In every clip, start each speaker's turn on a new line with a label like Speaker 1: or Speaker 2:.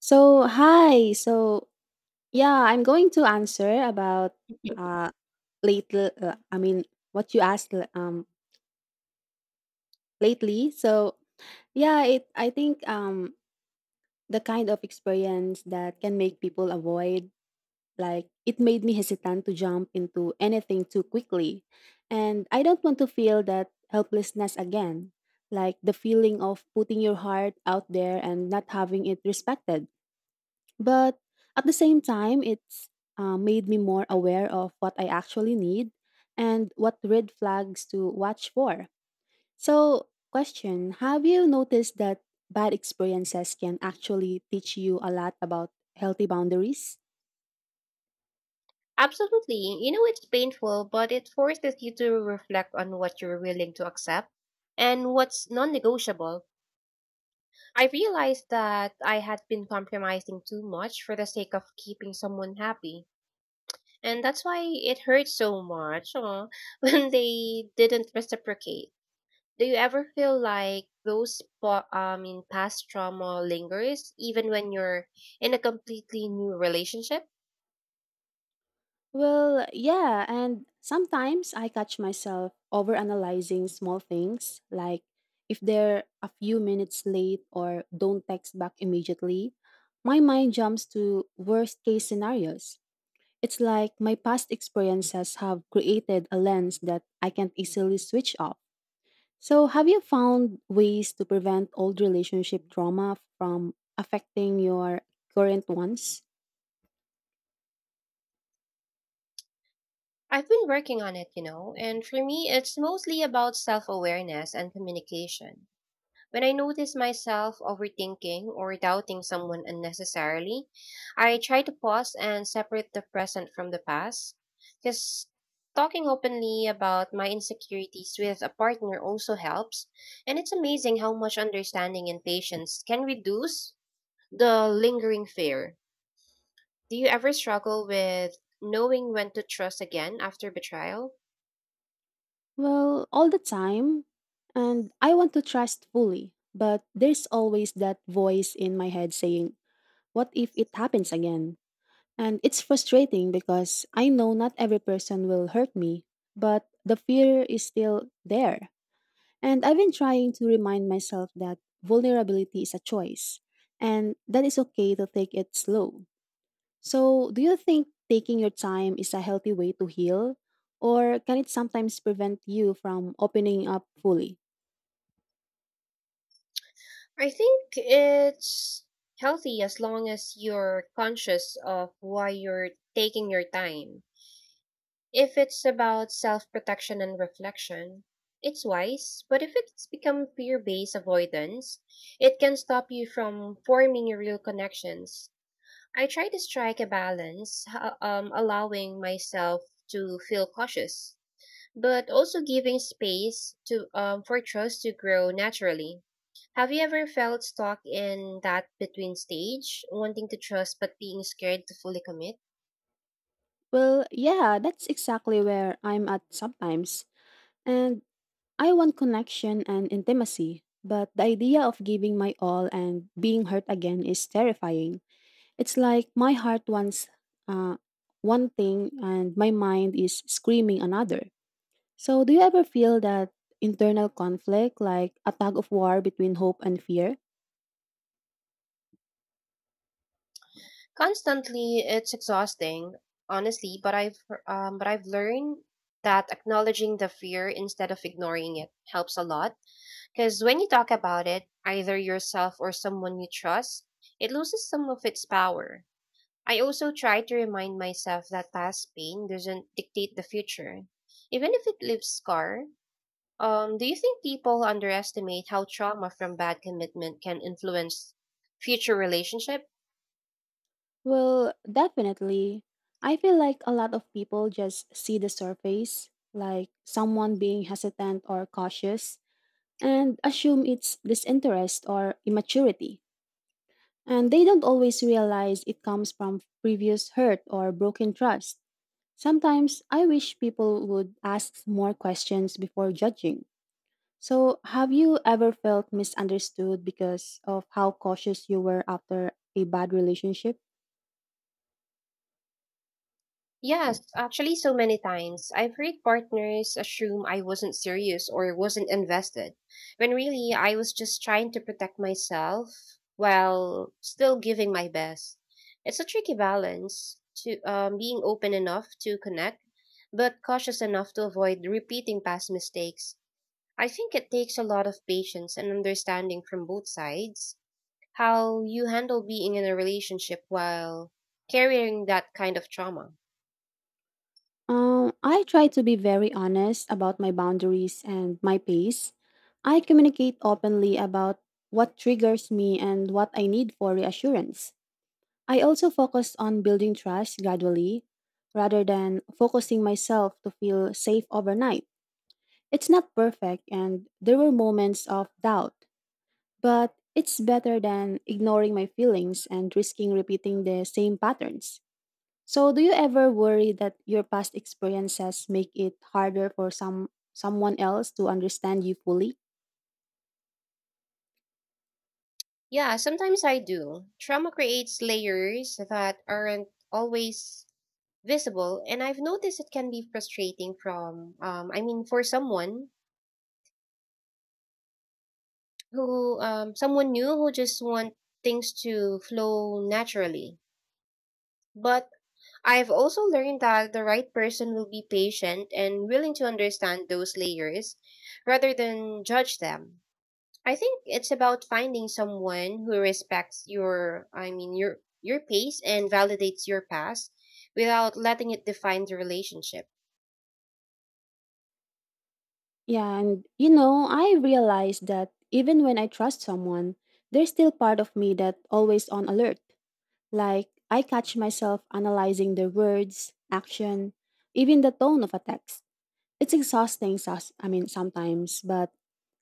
Speaker 1: So, hi. I'm going to answer about uh lately I mean what you asked l- lately. So, yeah, it I think the kind of experience that can make people avoid like it made me hesitant to jump into anything too quickly. And I don't want to feel that helplessness again, like the feeling of putting your heart out there and not having it respected. But at the same time, it's made me more aware of what I actually need and what red flags to watch for. So, question. Have you noticed that bad experiences can actually teach you a lot about healthy boundaries?
Speaker 2: Absolutely. You know, it's painful, but it forces you to reflect on what you're willing to accept and what's non negotiable. I realized that I had been compromising too much for the sake of keeping someone happy. And that's why it hurts so much when they didn't reciprocate. Do you ever feel like in past trauma lingers even when you're in a completely new relationship?
Speaker 1: Well, yeah, and sometimes I catch myself overanalyzing small things, like if they're a few minutes late or don't text back immediately, my mind jumps to worst case scenarios. It's like my past experiences have created a lens that I can't easily switch off. So, have you found ways to prevent old relationship trauma from affecting your current ones?
Speaker 2: I've been working on it, and for me, it's mostly about self awareness and communication. When I notice myself overthinking or doubting someone unnecessarily, I try to pause and separate the present from the past. Because talking openly about my insecurities with a partner also helps, and it's amazing how much understanding and patience can reduce the lingering fear. Do you ever struggle with knowing when to trust again after betrayal?
Speaker 1: Well, all the time. And I want to trust fully, but there's always that voice in my head saying, what if it happens again? And it's frustrating because I know not every person will hurt me, but the fear is still there. And I've been trying to remind myself that vulnerability is a choice and that it's okay to take it slow. So, do you think taking your time is a healthy way to heal? Or can it sometimes prevent you from opening up fully?
Speaker 2: I think it's healthy as long as you're conscious of why you're taking your time. If it's about self protection and reflection, it's wise, but if it's become fear based avoidance, it can stop you from forming your real connections. I try to strike a balance, allowing myself to feel cautious but also giving space to for trust to grow naturally. Have you ever felt stuck in that between stage, wanting to trust but being scared to fully commit?
Speaker 1: Well, yeah, that's exactly where I'm at sometimes. And I want connection and intimacy, but the idea of giving my all and being hurt again is terrifying. It's like my heart wants uh, one thing and my mind is screaming another. So, do you ever feel that internal conflict, like a tug of war between hope and fear?
Speaker 2: Constantly, it's exhausting, honestly. But I've learned that acknowledging the fear instead of ignoring it helps a lot. Because when you talk about it, either yourself or someone you trust, it loses some of its power. I also try to remind myself that past pain doesn't dictate the future, even if it leaves scar. Do you think people underestimate how trauma from bad commitment can influence future relationship?
Speaker 1: Well, definitely. I feel like a lot of people just see the surface, like someone being hesitant or cautious, and assume it's disinterest or immaturity. And they don't always realize it comes from previous hurt or broken trust. Sometimes I wish people would ask more questions before judging. So, have you ever felt misunderstood because of how cautious you were after a bad relationship?
Speaker 2: Yes, actually, so many times. I've heard partners assume I wasn't serious or wasn't invested, when really I was just trying to protect myself while still giving my best. It's a tricky balance to being open enough to connect, but cautious enough to avoid repeating past mistakes. I think it takes a lot of patience and understanding from both sides how you handle being in a relationship while carrying that kind of trauma.
Speaker 1: I try to be very honest about my boundaries and my pace. I communicate openly about what triggers me and what I need for reassurance. I also focus on building trust gradually rather than focusing myself to feel safe overnight. It's not perfect, and there were moments of doubt, but it's better than ignoring my feelings and risking repeating the same patterns. So, do you ever worry that your past experiences make it harder for someone else to understand you fully?
Speaker 2: Yeah, sometimes I do. Trauma creates layers that aren't always visible, and I've noticed it can be frustrating from I mean for someone new who just want things to flow naturally. But I've also learned that the right person will be patient and willing to understand those layers rather than judge them. I think it's about finding someone who respects your pace and validates your past without letting it define the relationship.
Speaker 1: Yeah, and you know, I realized that even when I trust someone, there's still part of me that always on alert. Like I catch myself analyzing their words, action, even the tone of a text. It's exhausting, sometimes, but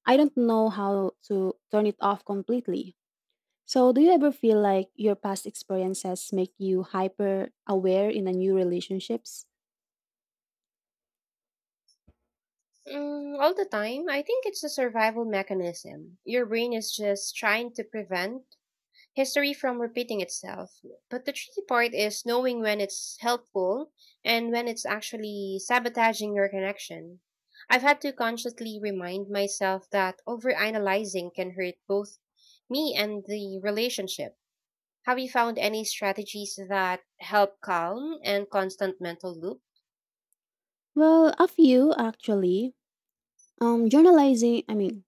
Speaker 1: I don't know how to turn it off completely. So, do you ever feel like your past experiences make you hyper aware in a new relationships?
Speaker 2: Mm, all the time, I think it's a survival mechanism. Your brain is just trying to prevent history from repeating itself. But the tricky part is knowing when it's helpful and when it's actually sabotaging your connection. I've had to consciously remind myself that overanalyzing can hurt both me and the relationship. Have you found any strategies that help calm and constant mental loop?
Speaker 1: Well, a few actually. Um, journalizing, I mean,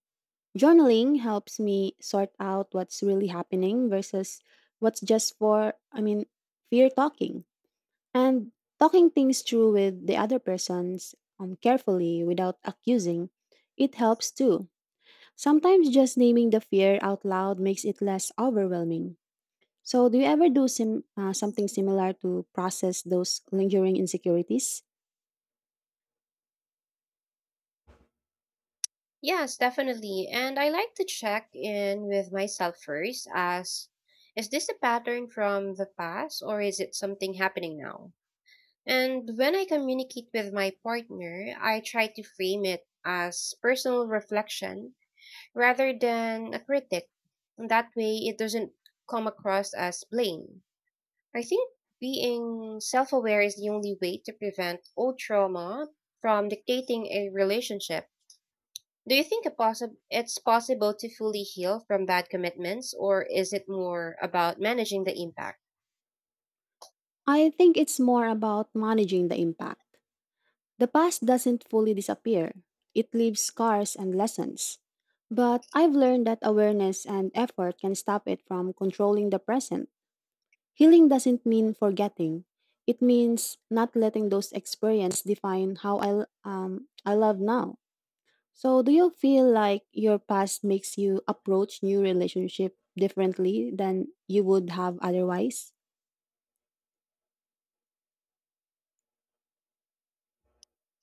Speaker 1: journaling helps me sort out what's really happening versus what's just for, I mean, fear talking. And talking things through with the other persons carefully without accusing, it helps too. Sometimes just naming the fear out loud makes it less overwhelming. So, do you ever do something similar to process those lingering insecurities?
Speaker 2: Yes, definitely. And I like to check in with myself first as is this a pattern from the past or is it something happening now? And when I communicate with my partner, I try to frame it as personal reflection rather than a critic. That way, it doesn't come across as blame. I think being self aware is the only way to prevent old trauma from dictating a relationship. Do you think it's possible to fully heal from bad commitments, or is it more about managing the impact?
Speaker 1: I think it's more about managing the impact. The past doesn't fully disappear, it leaves scars and lessons. But I've learned that awareness and effort can stop it from controlling the present. Healing doesn't mean forgetting. It means not letting those experiences define how I love now. So, do you feel like your past makes you approach new relationship differently than you would have otherwise?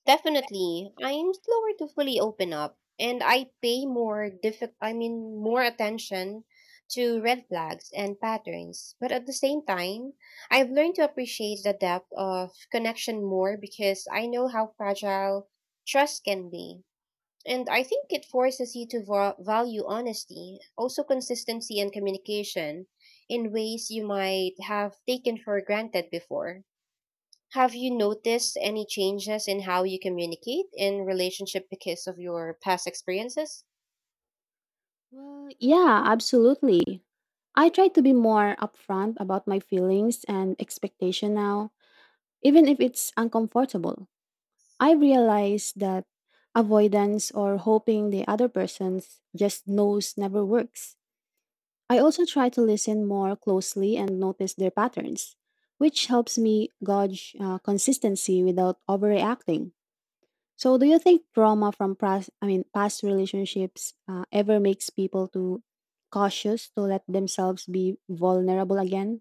Speaker 2: Definitely. I'm slower to fully open up and I pay more diffi- I mean more attention to red flags and patterns. But at the same time, I've learned to appreciate the depth of connection more because I know how fragile trust can be. And I think it forces you to value honesty, also consistency and communication in ways you might have taken for granted before. Have you noticed any changes in how you communicate in relationship because of your past experiences?
Speaker 1: Well, yeah, absolutely. I try to be more upfront about my feelings and expectation now, even if it's uncomfortable. I realize that avoidance or hoping the other person just knows never works. I also try to listen more closely and notice their patterns, which helps me gauge consistency without overreacting. So, do you think trauma from past relationships ever makes people too cautious to let themselves be vulnerable again?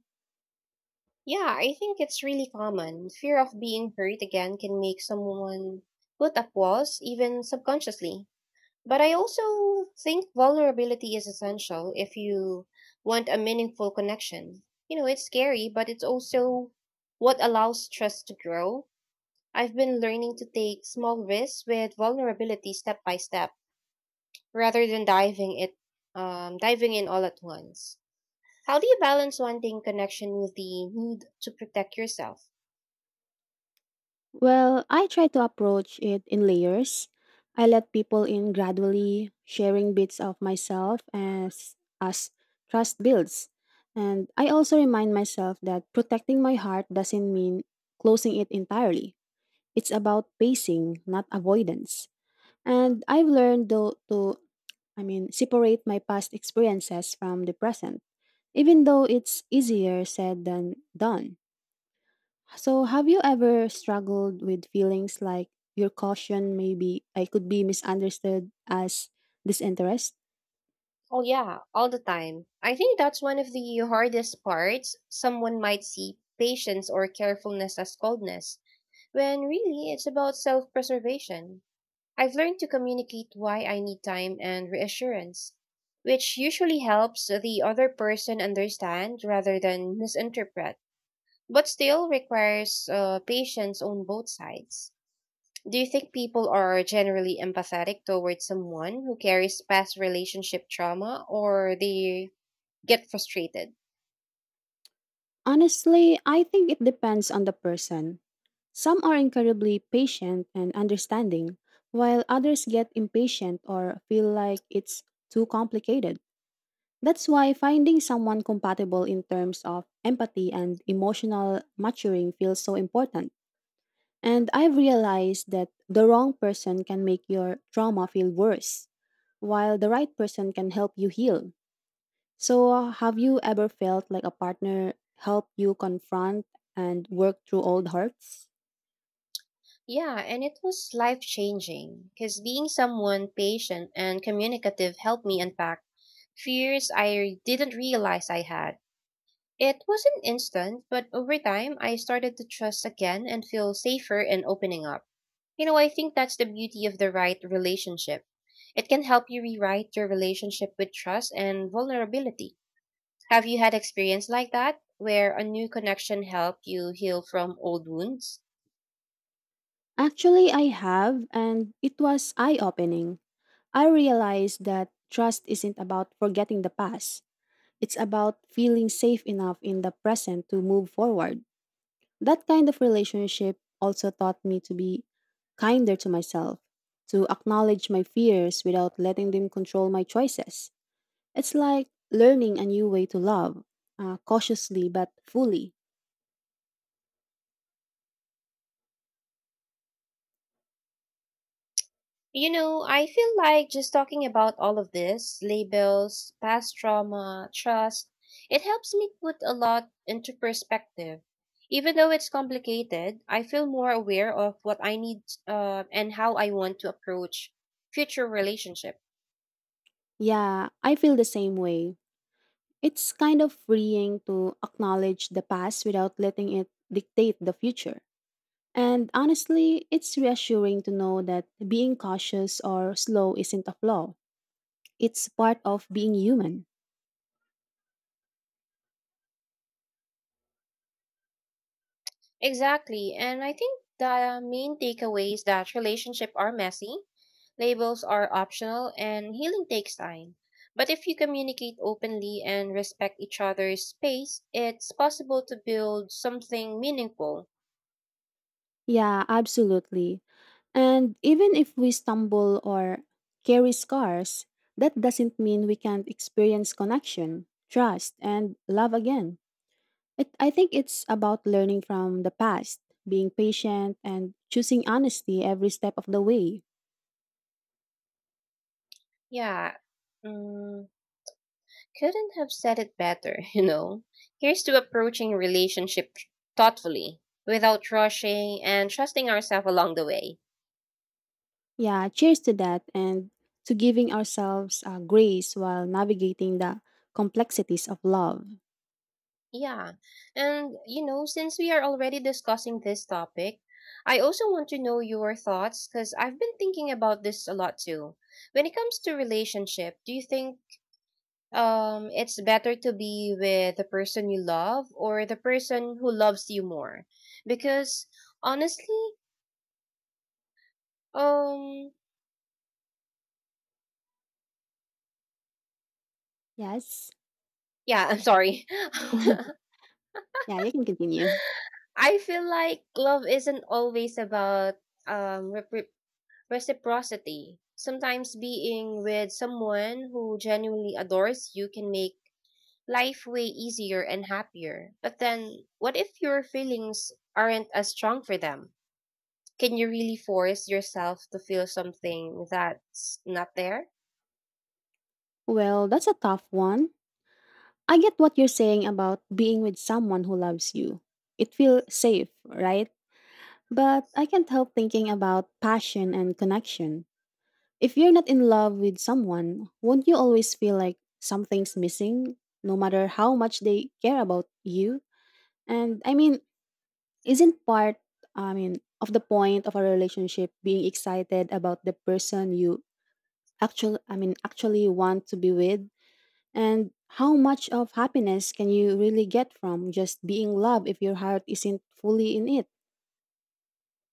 Speaker 2: Yeah, I think it's really common. Fear of being hurt again can make someone put a pause, even subconsciously. But I also think vulnerability is essential if you want a meaningful connection. You know, it's scary, but it's also what allows trust to grow. I've been learning to take small risks with vulnerability step by step rather than diving in all at once. How do you balance wanting connection with the need to protect yourself?
Speaker 1: Well, I try to approach it in layers. I let people in gradually, sharing bits of myself as trust builds. And I also remind myself that protecting my heart doesn't mean closing it entirely. It's about pacing, not avoidance. And I've learned though to separate my past experiences from the present, even though it's easier said than done. So, have you ever struggled with feelings like your caution maybe I could be misunderstood as disinterest?
Speaker 2: Oh yeah, all the time. I think that's one of the hardest parts. Someone might see patience or carefulness as coldness, when really it's about self-preservation. I've learned to communicate why I need time and reassurance, which usually helps the other person understand rather than misinterpret. But still requires patience on both sides. Do you think people are generally empathetic towards someone who carries past relationship trauma or they get frustrated?
Speaker 1: Honestly, I think it depends on the person. Some are incredibly patient and understanding, while others get impatient or feel like it's too complicated. That's why finding someone compatible in terms of empathy and emotional maturing feels so important. And I've realized that the wrong person can make your trauma feel worse, while the right person can help you heal. So, have you ever felt like a partner helped you confront and work through old hurts?
Speaker 2: Yeah, and it was life changing because being someone patient and communicative helped me unpack fears I didn't realize I had. It wasn't instant, but over time, I started to trust again and feel safer in opening up. You know, I think that's the beauty of the right relationship. It can help you rewrite your relationship with trust and vulnerability. Have you had experience like that, where a new connection helped you heal from old wounds?
Speaker 1: Actually, I have, and it was eye opening. I realized that trust isn't about forgetting the past, it's about feeling safe enough in the present to move forward. That kind of relationship also taught me to be kinder to myself, to acknowledge my fears without letting them control my choices. It's like learning a new way to love, cautiously but fully.
Speaker 2: You know, I feel like just talking about all of this labels, past trauma, trust it helps me put a lot into perspective. Even though it's complicated, I feel more aware of what I need and how I want to approach future relationships.
Speaker 1: Yeah, I feel the same way. It's kind of freeing to acknowledge the past without letting it dictate the future. And honestly, it's reassuring to know that being cautious or slow isn't a flaw. It's part of being human.
Speaker 2: Exactly. And I think the main takeaway is that relationships are messy, labels are optional, and healing takes time. But if you communicate openly and respect each other's space, it's possible to build something meaningful.
Speaker 1: Yeah, absolutely. And even if we stumble or carry scars, that doesn't mean we can't experience connection, trust, and love again. I think it's about learning from the past, being patient, and choosing honesty every step of the way.
Speaker 2: Yeah. Mm, couldn't have said it better, you know. Here's to approaching relationship thoughtfully, without rushing, and trusting ourselves along the way.
Speaker 1: Yeah, cheers to that and to giving ourselves grace while navigating the complexities of love.
Speaker 2: Yeah. And, since we are already discussing this topic, I also want to know your thoughts because I've been thinking about this a lot too. When it comes to relationship, do you think it's better to be with the person you love or the person who loves you more? Because honestly, um
Speaker 1: Yes.
Speaker 2: yeah, I'm sorry.
Speaker 1: Yeah, you can continue.
Speaker 2: I feel like love isn't always about repre reciprocity. Sometimes being with someone who genuinely adores you can make life way easier and happier. But then, what if your feelings aren't as strong for them? Can you really force yourself to feel something that's not there?
Speaker 1: Well, that's a tough one. I get what you're saying about being with someone who loves you. It feels safe, right? But I can't help thinking about passion and connection. If you're not in love with someone, won't you always feel like something's missing, no matter how much they care about you? And I mean, isn't part, I mean, of the point of a relationship being excited about the person you actually want to be with? And how much of happiness can you really get from just being loved if your heart isn't fully in it?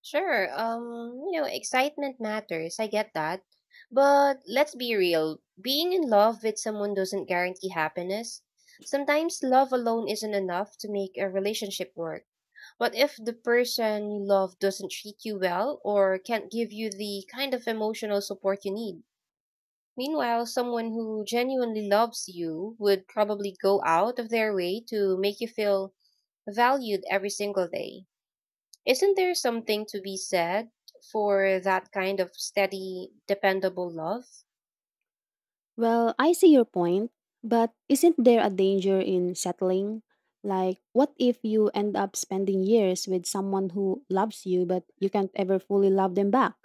Speaker 2: Sure, excitement matters. I get that. But let's be real. Being in love with someone doesn't guarantee happiness. Sometimes love alone isn't enough to make a relationship work. What if the person you love doesn't treat you well or can't give you the kind of emotional support you need? Meanwhile, someone who genuinely loves you would probably go out of their way to make you feel valued every single day. Isn't there something to be said for that kind of steady, dependable love?
Speaker 1: Well, I see your point, but isn't there a danger in settling? Like, what if you end up spending years with someone who loves you, but you can't ever fully love them back?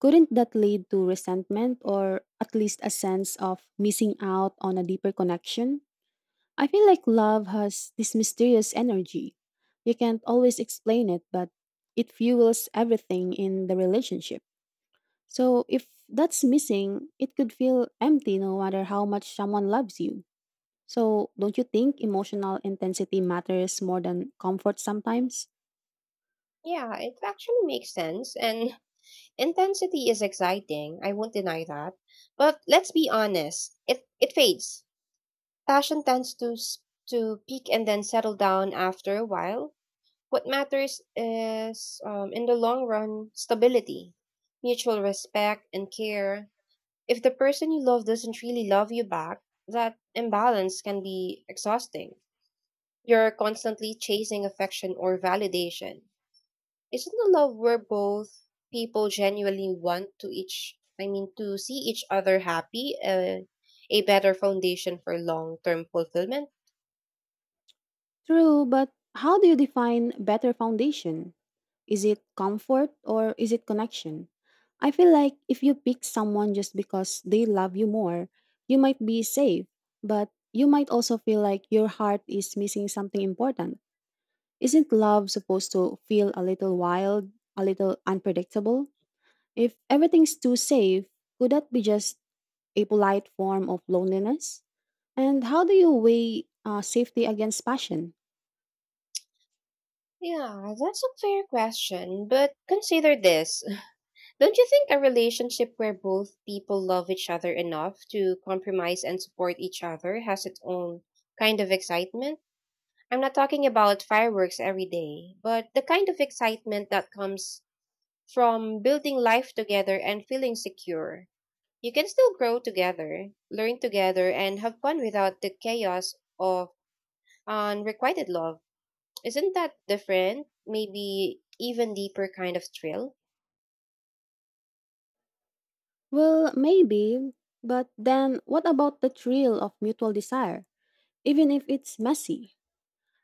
Speaker 1: Couldn't that lead to resentment or at least a sense of missing out on a deeper connection? I feel like love has this mysterious energy. You can't always explain it, but it fuels everything in the relationship. So if that's missing, it could feel empty no matter how much someone loves you. So don't you think emotional intensity matters more than comfort sometimes?
Speaker 2: Yeah, it actually makes sense, and intensity is exciting, I won't deny that. But let's be honest, it fades. Passion tends to peak and then settle down after a while. What matters is, in the long run, stability, mutual respect, and care. If the person you love doesn't really love you back, that imbalance can be exhausting. You're constantly chasing affection or validation. Isn't the love where both people genuinely want to see each other happy, a better foundation for long-term fulfillment?
Speaker 1: True, but how do you define better foundation? Is it comfort or is it connection? I feel like if you pick someone just because they love you more, you might be safe, but you might also feel like your heart is missing something important. Isn't love supposed to feel a little wild, a little unpredictable? If everything's too safe, could that be just a polite form of loneliness? And how do you weigh safety against passion?
Speaker 2: Yeah, that's a fair question, but consider this. Don't you think a relationship where both people love each other enough to compromise and support each other has its own kind of excitement? I'm not talking about fireworks every day, but the kind of excitement that comes from building life together and feeling secure. You can still grow together, learn together, and have fun without the chaos of unrequited love. Isn't that different? Maybe even deeper kind of thrill?
Speaker 1: Well, maybe, but then what about the thrill of mutual desire, even if it's messy?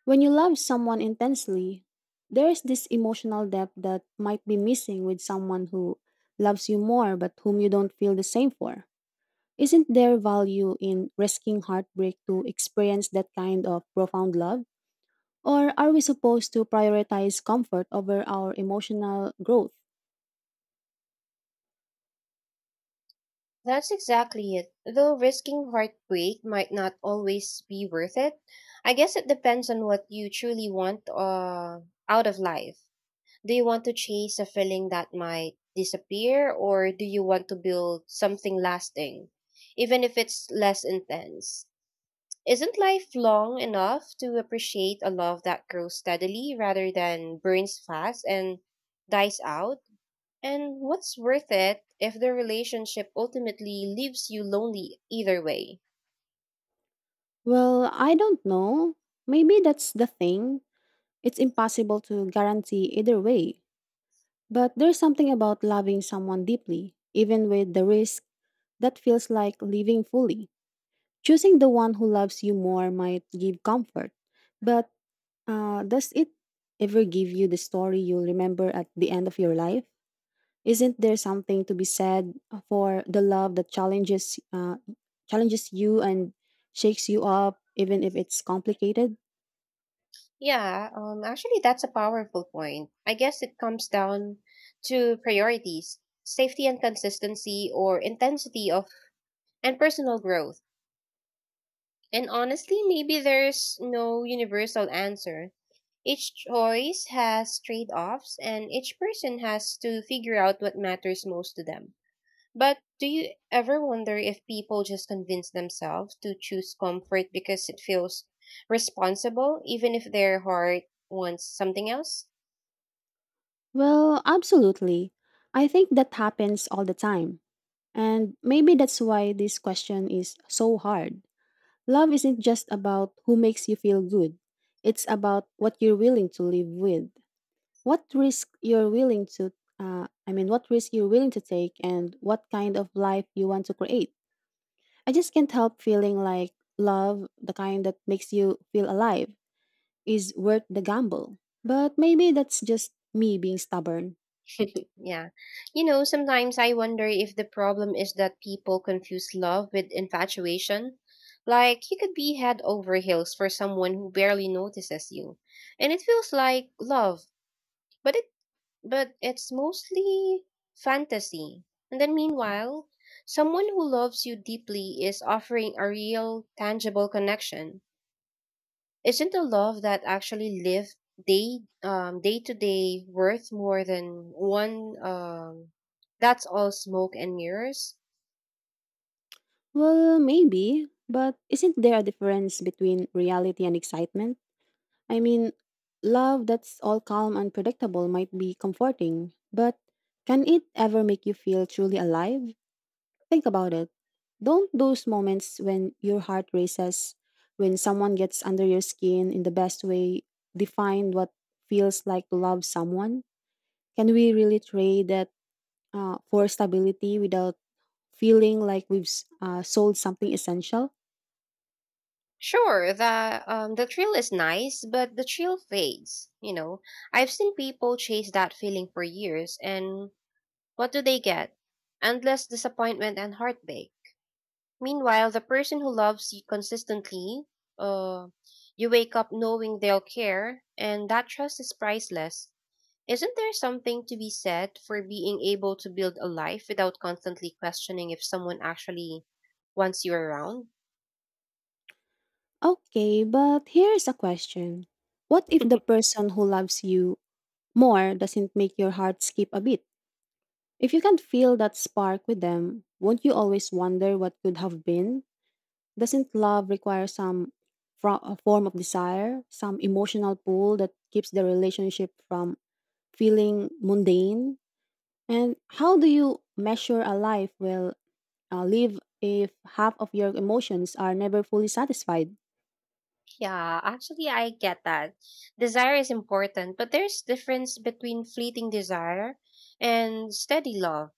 Speaker 1: When you love someone intensely, there is this emotional depth that might be missing with someone who loves you more but whom you don't feel the same for. Isn't there value in risking heartbreak to experience that kind of profound love? Or are we supposed to prioritize comfort over our emotional growth?
Speaker 2: That's exactly it. Though risking heartbreak might not always be worth it, I guess it depends on what you truly want out of life. Do you want to chase a feeling that might disappear, or do you want to build something lasting, even if it's less intense? Isn't life long enough to appreciate a love that grows steadily rather than burns fast and dies out? And what's worth it if the relationship ultimately leaves you lonely either way?
Speaker 1: Well, I don't know. Maybe that's the thing. It's impossible to guarantee either way. But there's something about loving someone deeply, even with the risk, that feels like living fully. Choosing the one who loves you more might give comfort, but does it ever give you the story you'll remember at the end of your life? Isn't there something to be said for the love that challenges you and shakes you up, even if it's complicated?
Speaker 2: Yeah, actually, that's a powerful point. I guess it comes down to priorities, safety and consistency, or intensity of and personal growth. And honestly, maybe there's no universal answer. Each choice has trade offs, and each person has to figure out what matters most to them. But do you ever wonder if people just convince themselves to choose comfort because it feels responsible, even if their heart wants something else?
Speaker 1: Well, absolutely. I think that happens all the time. And maybe that's why this question is so hard. Love isn't just about who makes you feel good, it's about what you're willing to live with, what risk you're willing to, what risk you're willing to take, and what kind of life you want to create. I just can't help feeling like love, the kind that makes you feel alive, is worth the gamble. But maybe that's just me being stubborn.
Speaker 2: Yeah. You know, sometimes I wonder if the problem is that people confuse love with infatuation. Like, you could be head over heels for someone who barely notices you. And it feels like love, but it but it's mostly fantasy. And then, meanwhile, someone who loves you deeply is offering a real, tangible connection. Isn't the love that actually live day day to day worth more than one that's all smoke and mirrors?
Speaker 1: Well, maybe, but isn't there a difference between reality and excitement? I mean, love that's all calm and predictable might be comforting, but can it ever make you feel truly alive? Think about it. Don't those moments when your heart races, when someone gets under your skin in the best way, define what feels like to love someone? Can we really trade that for stability without feeling like we've sold something essential?
Speaker 2: Sure, the thrill is nice, but the thrill fades. You know, I've seen people chase that feeling for years, and what do they get? Endless disappointment and heartbreak. Meanwhile, the person who loves you consistently, uh, you wake up knowing they'll care, and that trust is priceless. Isn't there something to be said for being able to build a life without constantly questioning if someone actually wants you around?
Speaker 1: Okay, but here's a question. What if the person who loves you more doesn't make your heart skip a beat? If you can't feel that spark with them, won't you always wonder what could have been? Doesn't love require some a form of desire, some emotional pull that keeps the relationship from feeling mundane? And how do you measure a life well live if half of your emotions are never fully satisfied?
Speaker 2: Yeah, actually, I get that. Desire is important, but there's difference between fleeting desire and steady love.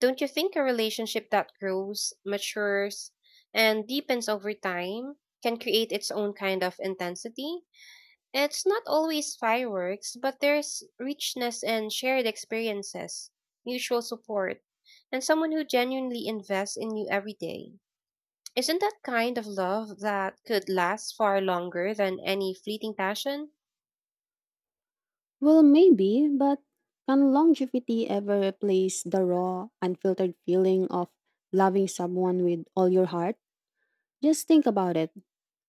Speaker 2: Don't you think a relationship that grows, matures, and deepens over time can create its own kind of intensity? It's not always fireworks, but there's richness and shared experiences, mutual support, and someone who genuinely invests in you every day. Isn't that kind of love that could last far longer than any fleeting passion?
Speaker 1: Well, maybe, but can longevity ever replace the raw, unfiltered feeling of loving someone with all your heart? Just think about it.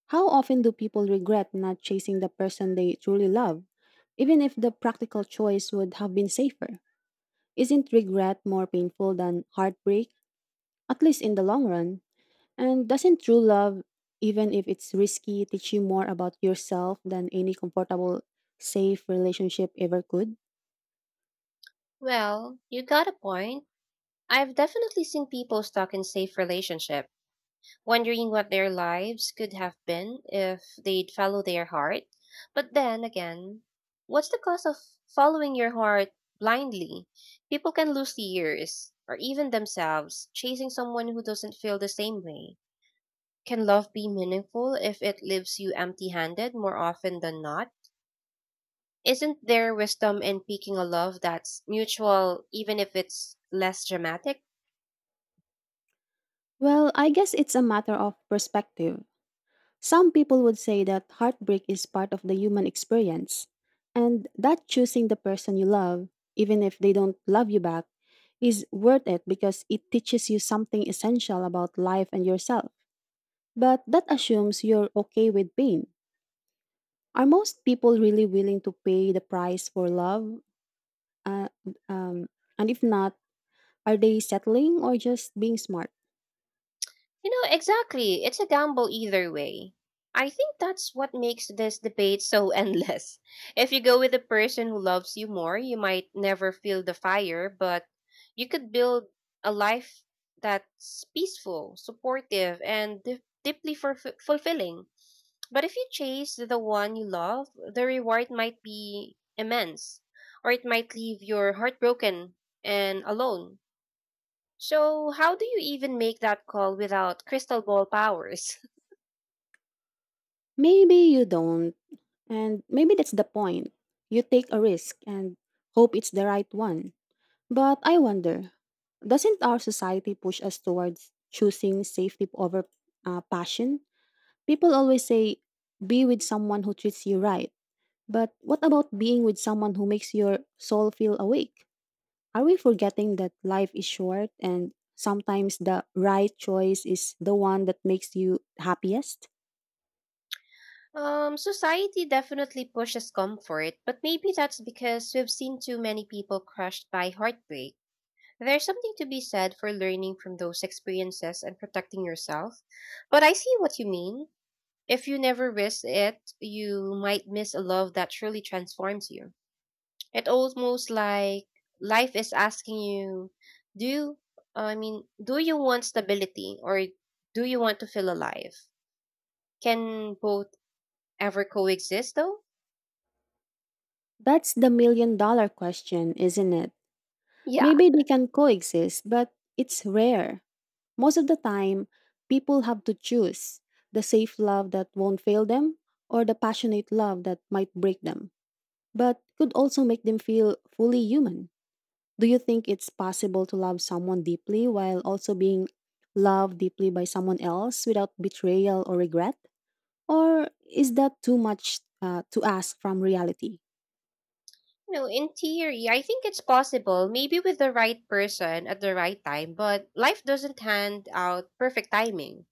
Speaker 1: How often do people regret not chasing the person they truly love, even if the practical choice would have been safer? Isn't regret more painful than heartbreak, at least in the long run? And doesn't true love, even if it's risky, teach you more about yourself than any comfortable, safe relationship ever could?
Speaker 2: Well, you got a point. I've definitely seen people stuck in safe relationship, wondering what their lives could have been if they'd follow their heart. But then again, what's the cost of following your heart blindly? People can lose years, or even themselves, chasing someone who doesn't feel the same way. Can love be meaningful if it leaves you empty handed more often than not? Isn't there wisdom in picking a love that's mutual, even if it's less dramatic?
Speaker 1: Well, I guess it's a matter of perspective. Some people would say that heartbreak is part of the human experience, and that choosing the person you love, even if they don't love you back, is worth it because it teaches you something essential about life and yourself. But that assumes you're okay with pain. Are most people really willing to pay the price for love? Uh, um, and if not, are they settling or just being smart?
Speaker 2: You know, exactly. It's a gamble either way. I think that's what makes this debate so endless. If you go with the person who loves you more, you might never feel the fire, but you could build a life that's peaceful, supportive, and deeply fulfilling. But if you chase the one you love, the reward might be immense, or it might leave you heartbroken and alone. So, how do you even make that call without crystal ball powers?
Speaker 1: Maybe you don't. And maybe that's the point. You take a risk and hope it's the right one. But I wonder, doesn't our society push us towards choosing safety over passion? People always say, be with someone who treats you right. But what about being with someone who makes your soul feel awake? Are we forgetting that life is short and sometimes the right choice is the one that makes you happiest?
Speaker 2: Society definitely pushes comfort, but maybe that's because we've seen too many people crushed by heartbreak. There's something to be said for learning from those experiences and protecting yourself. But I see what you mean. If you never risk it, you might miss a love that truly transforms you. It almost like life is asking you, do you, I mean, do you want stability or do you want to feel alive? Can both ever coexist though?
Speaker 1: That's the million dollar question, isn't it?
Speaker 2: Yeah.
Speaker 1: Maybe they can coexist, but it's rare. Most of the time, people have to choose the safe love that won't fail them or the passionate love that might break them, but could also make them feel fully human. Do you think it's possible to love someone deeply while also being loved deeply by someone else without betrayal or regret? Or is that too much to ask from reality?
Speaker 2: No, in theory, I think it's possible, maybe with the right person at the right time, but life doesn't hand out perfect timing.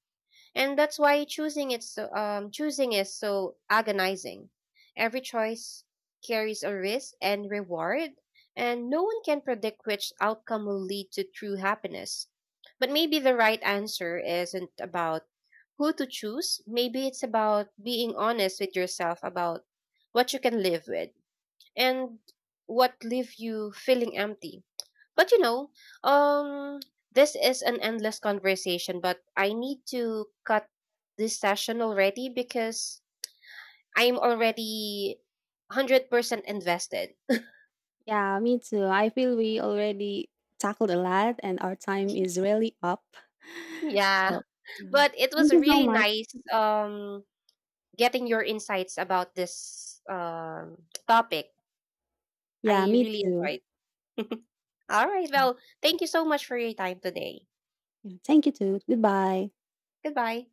Speaker 2: And that's why choosing is so agonizing. Every choice carries a risk and reward, and no one can predict which outcome will lead to true happiness. But maybe the right answer isn't about who to choose. Maybe it's about being honest with yourself about what you can live with and what leave you feeling empty. But um, this is an endless conversation, but I need to cut this session already because I'm already 100% invested.
Speaker 1: Yeah, me too. I feel we already tackled a lot and our time is really up.
Speaker 2: Yeah,
Speaker 1: So, yeah.
Speaker 2: but it was
Speaker 1: Thank you so
Speaker 2: really
Speaker 1: much.
Speaker 2: nice um getting your insights about this topic. I
Speaker 1: Yeah, me
Speaker 2: really
Speaker 1: too.
Speaker 2: enjoyed. All right, well, thank you so much for your time today.
Speaker 1: Yeah, thank you too. Goodbye.
Speaker 2: Goodbye.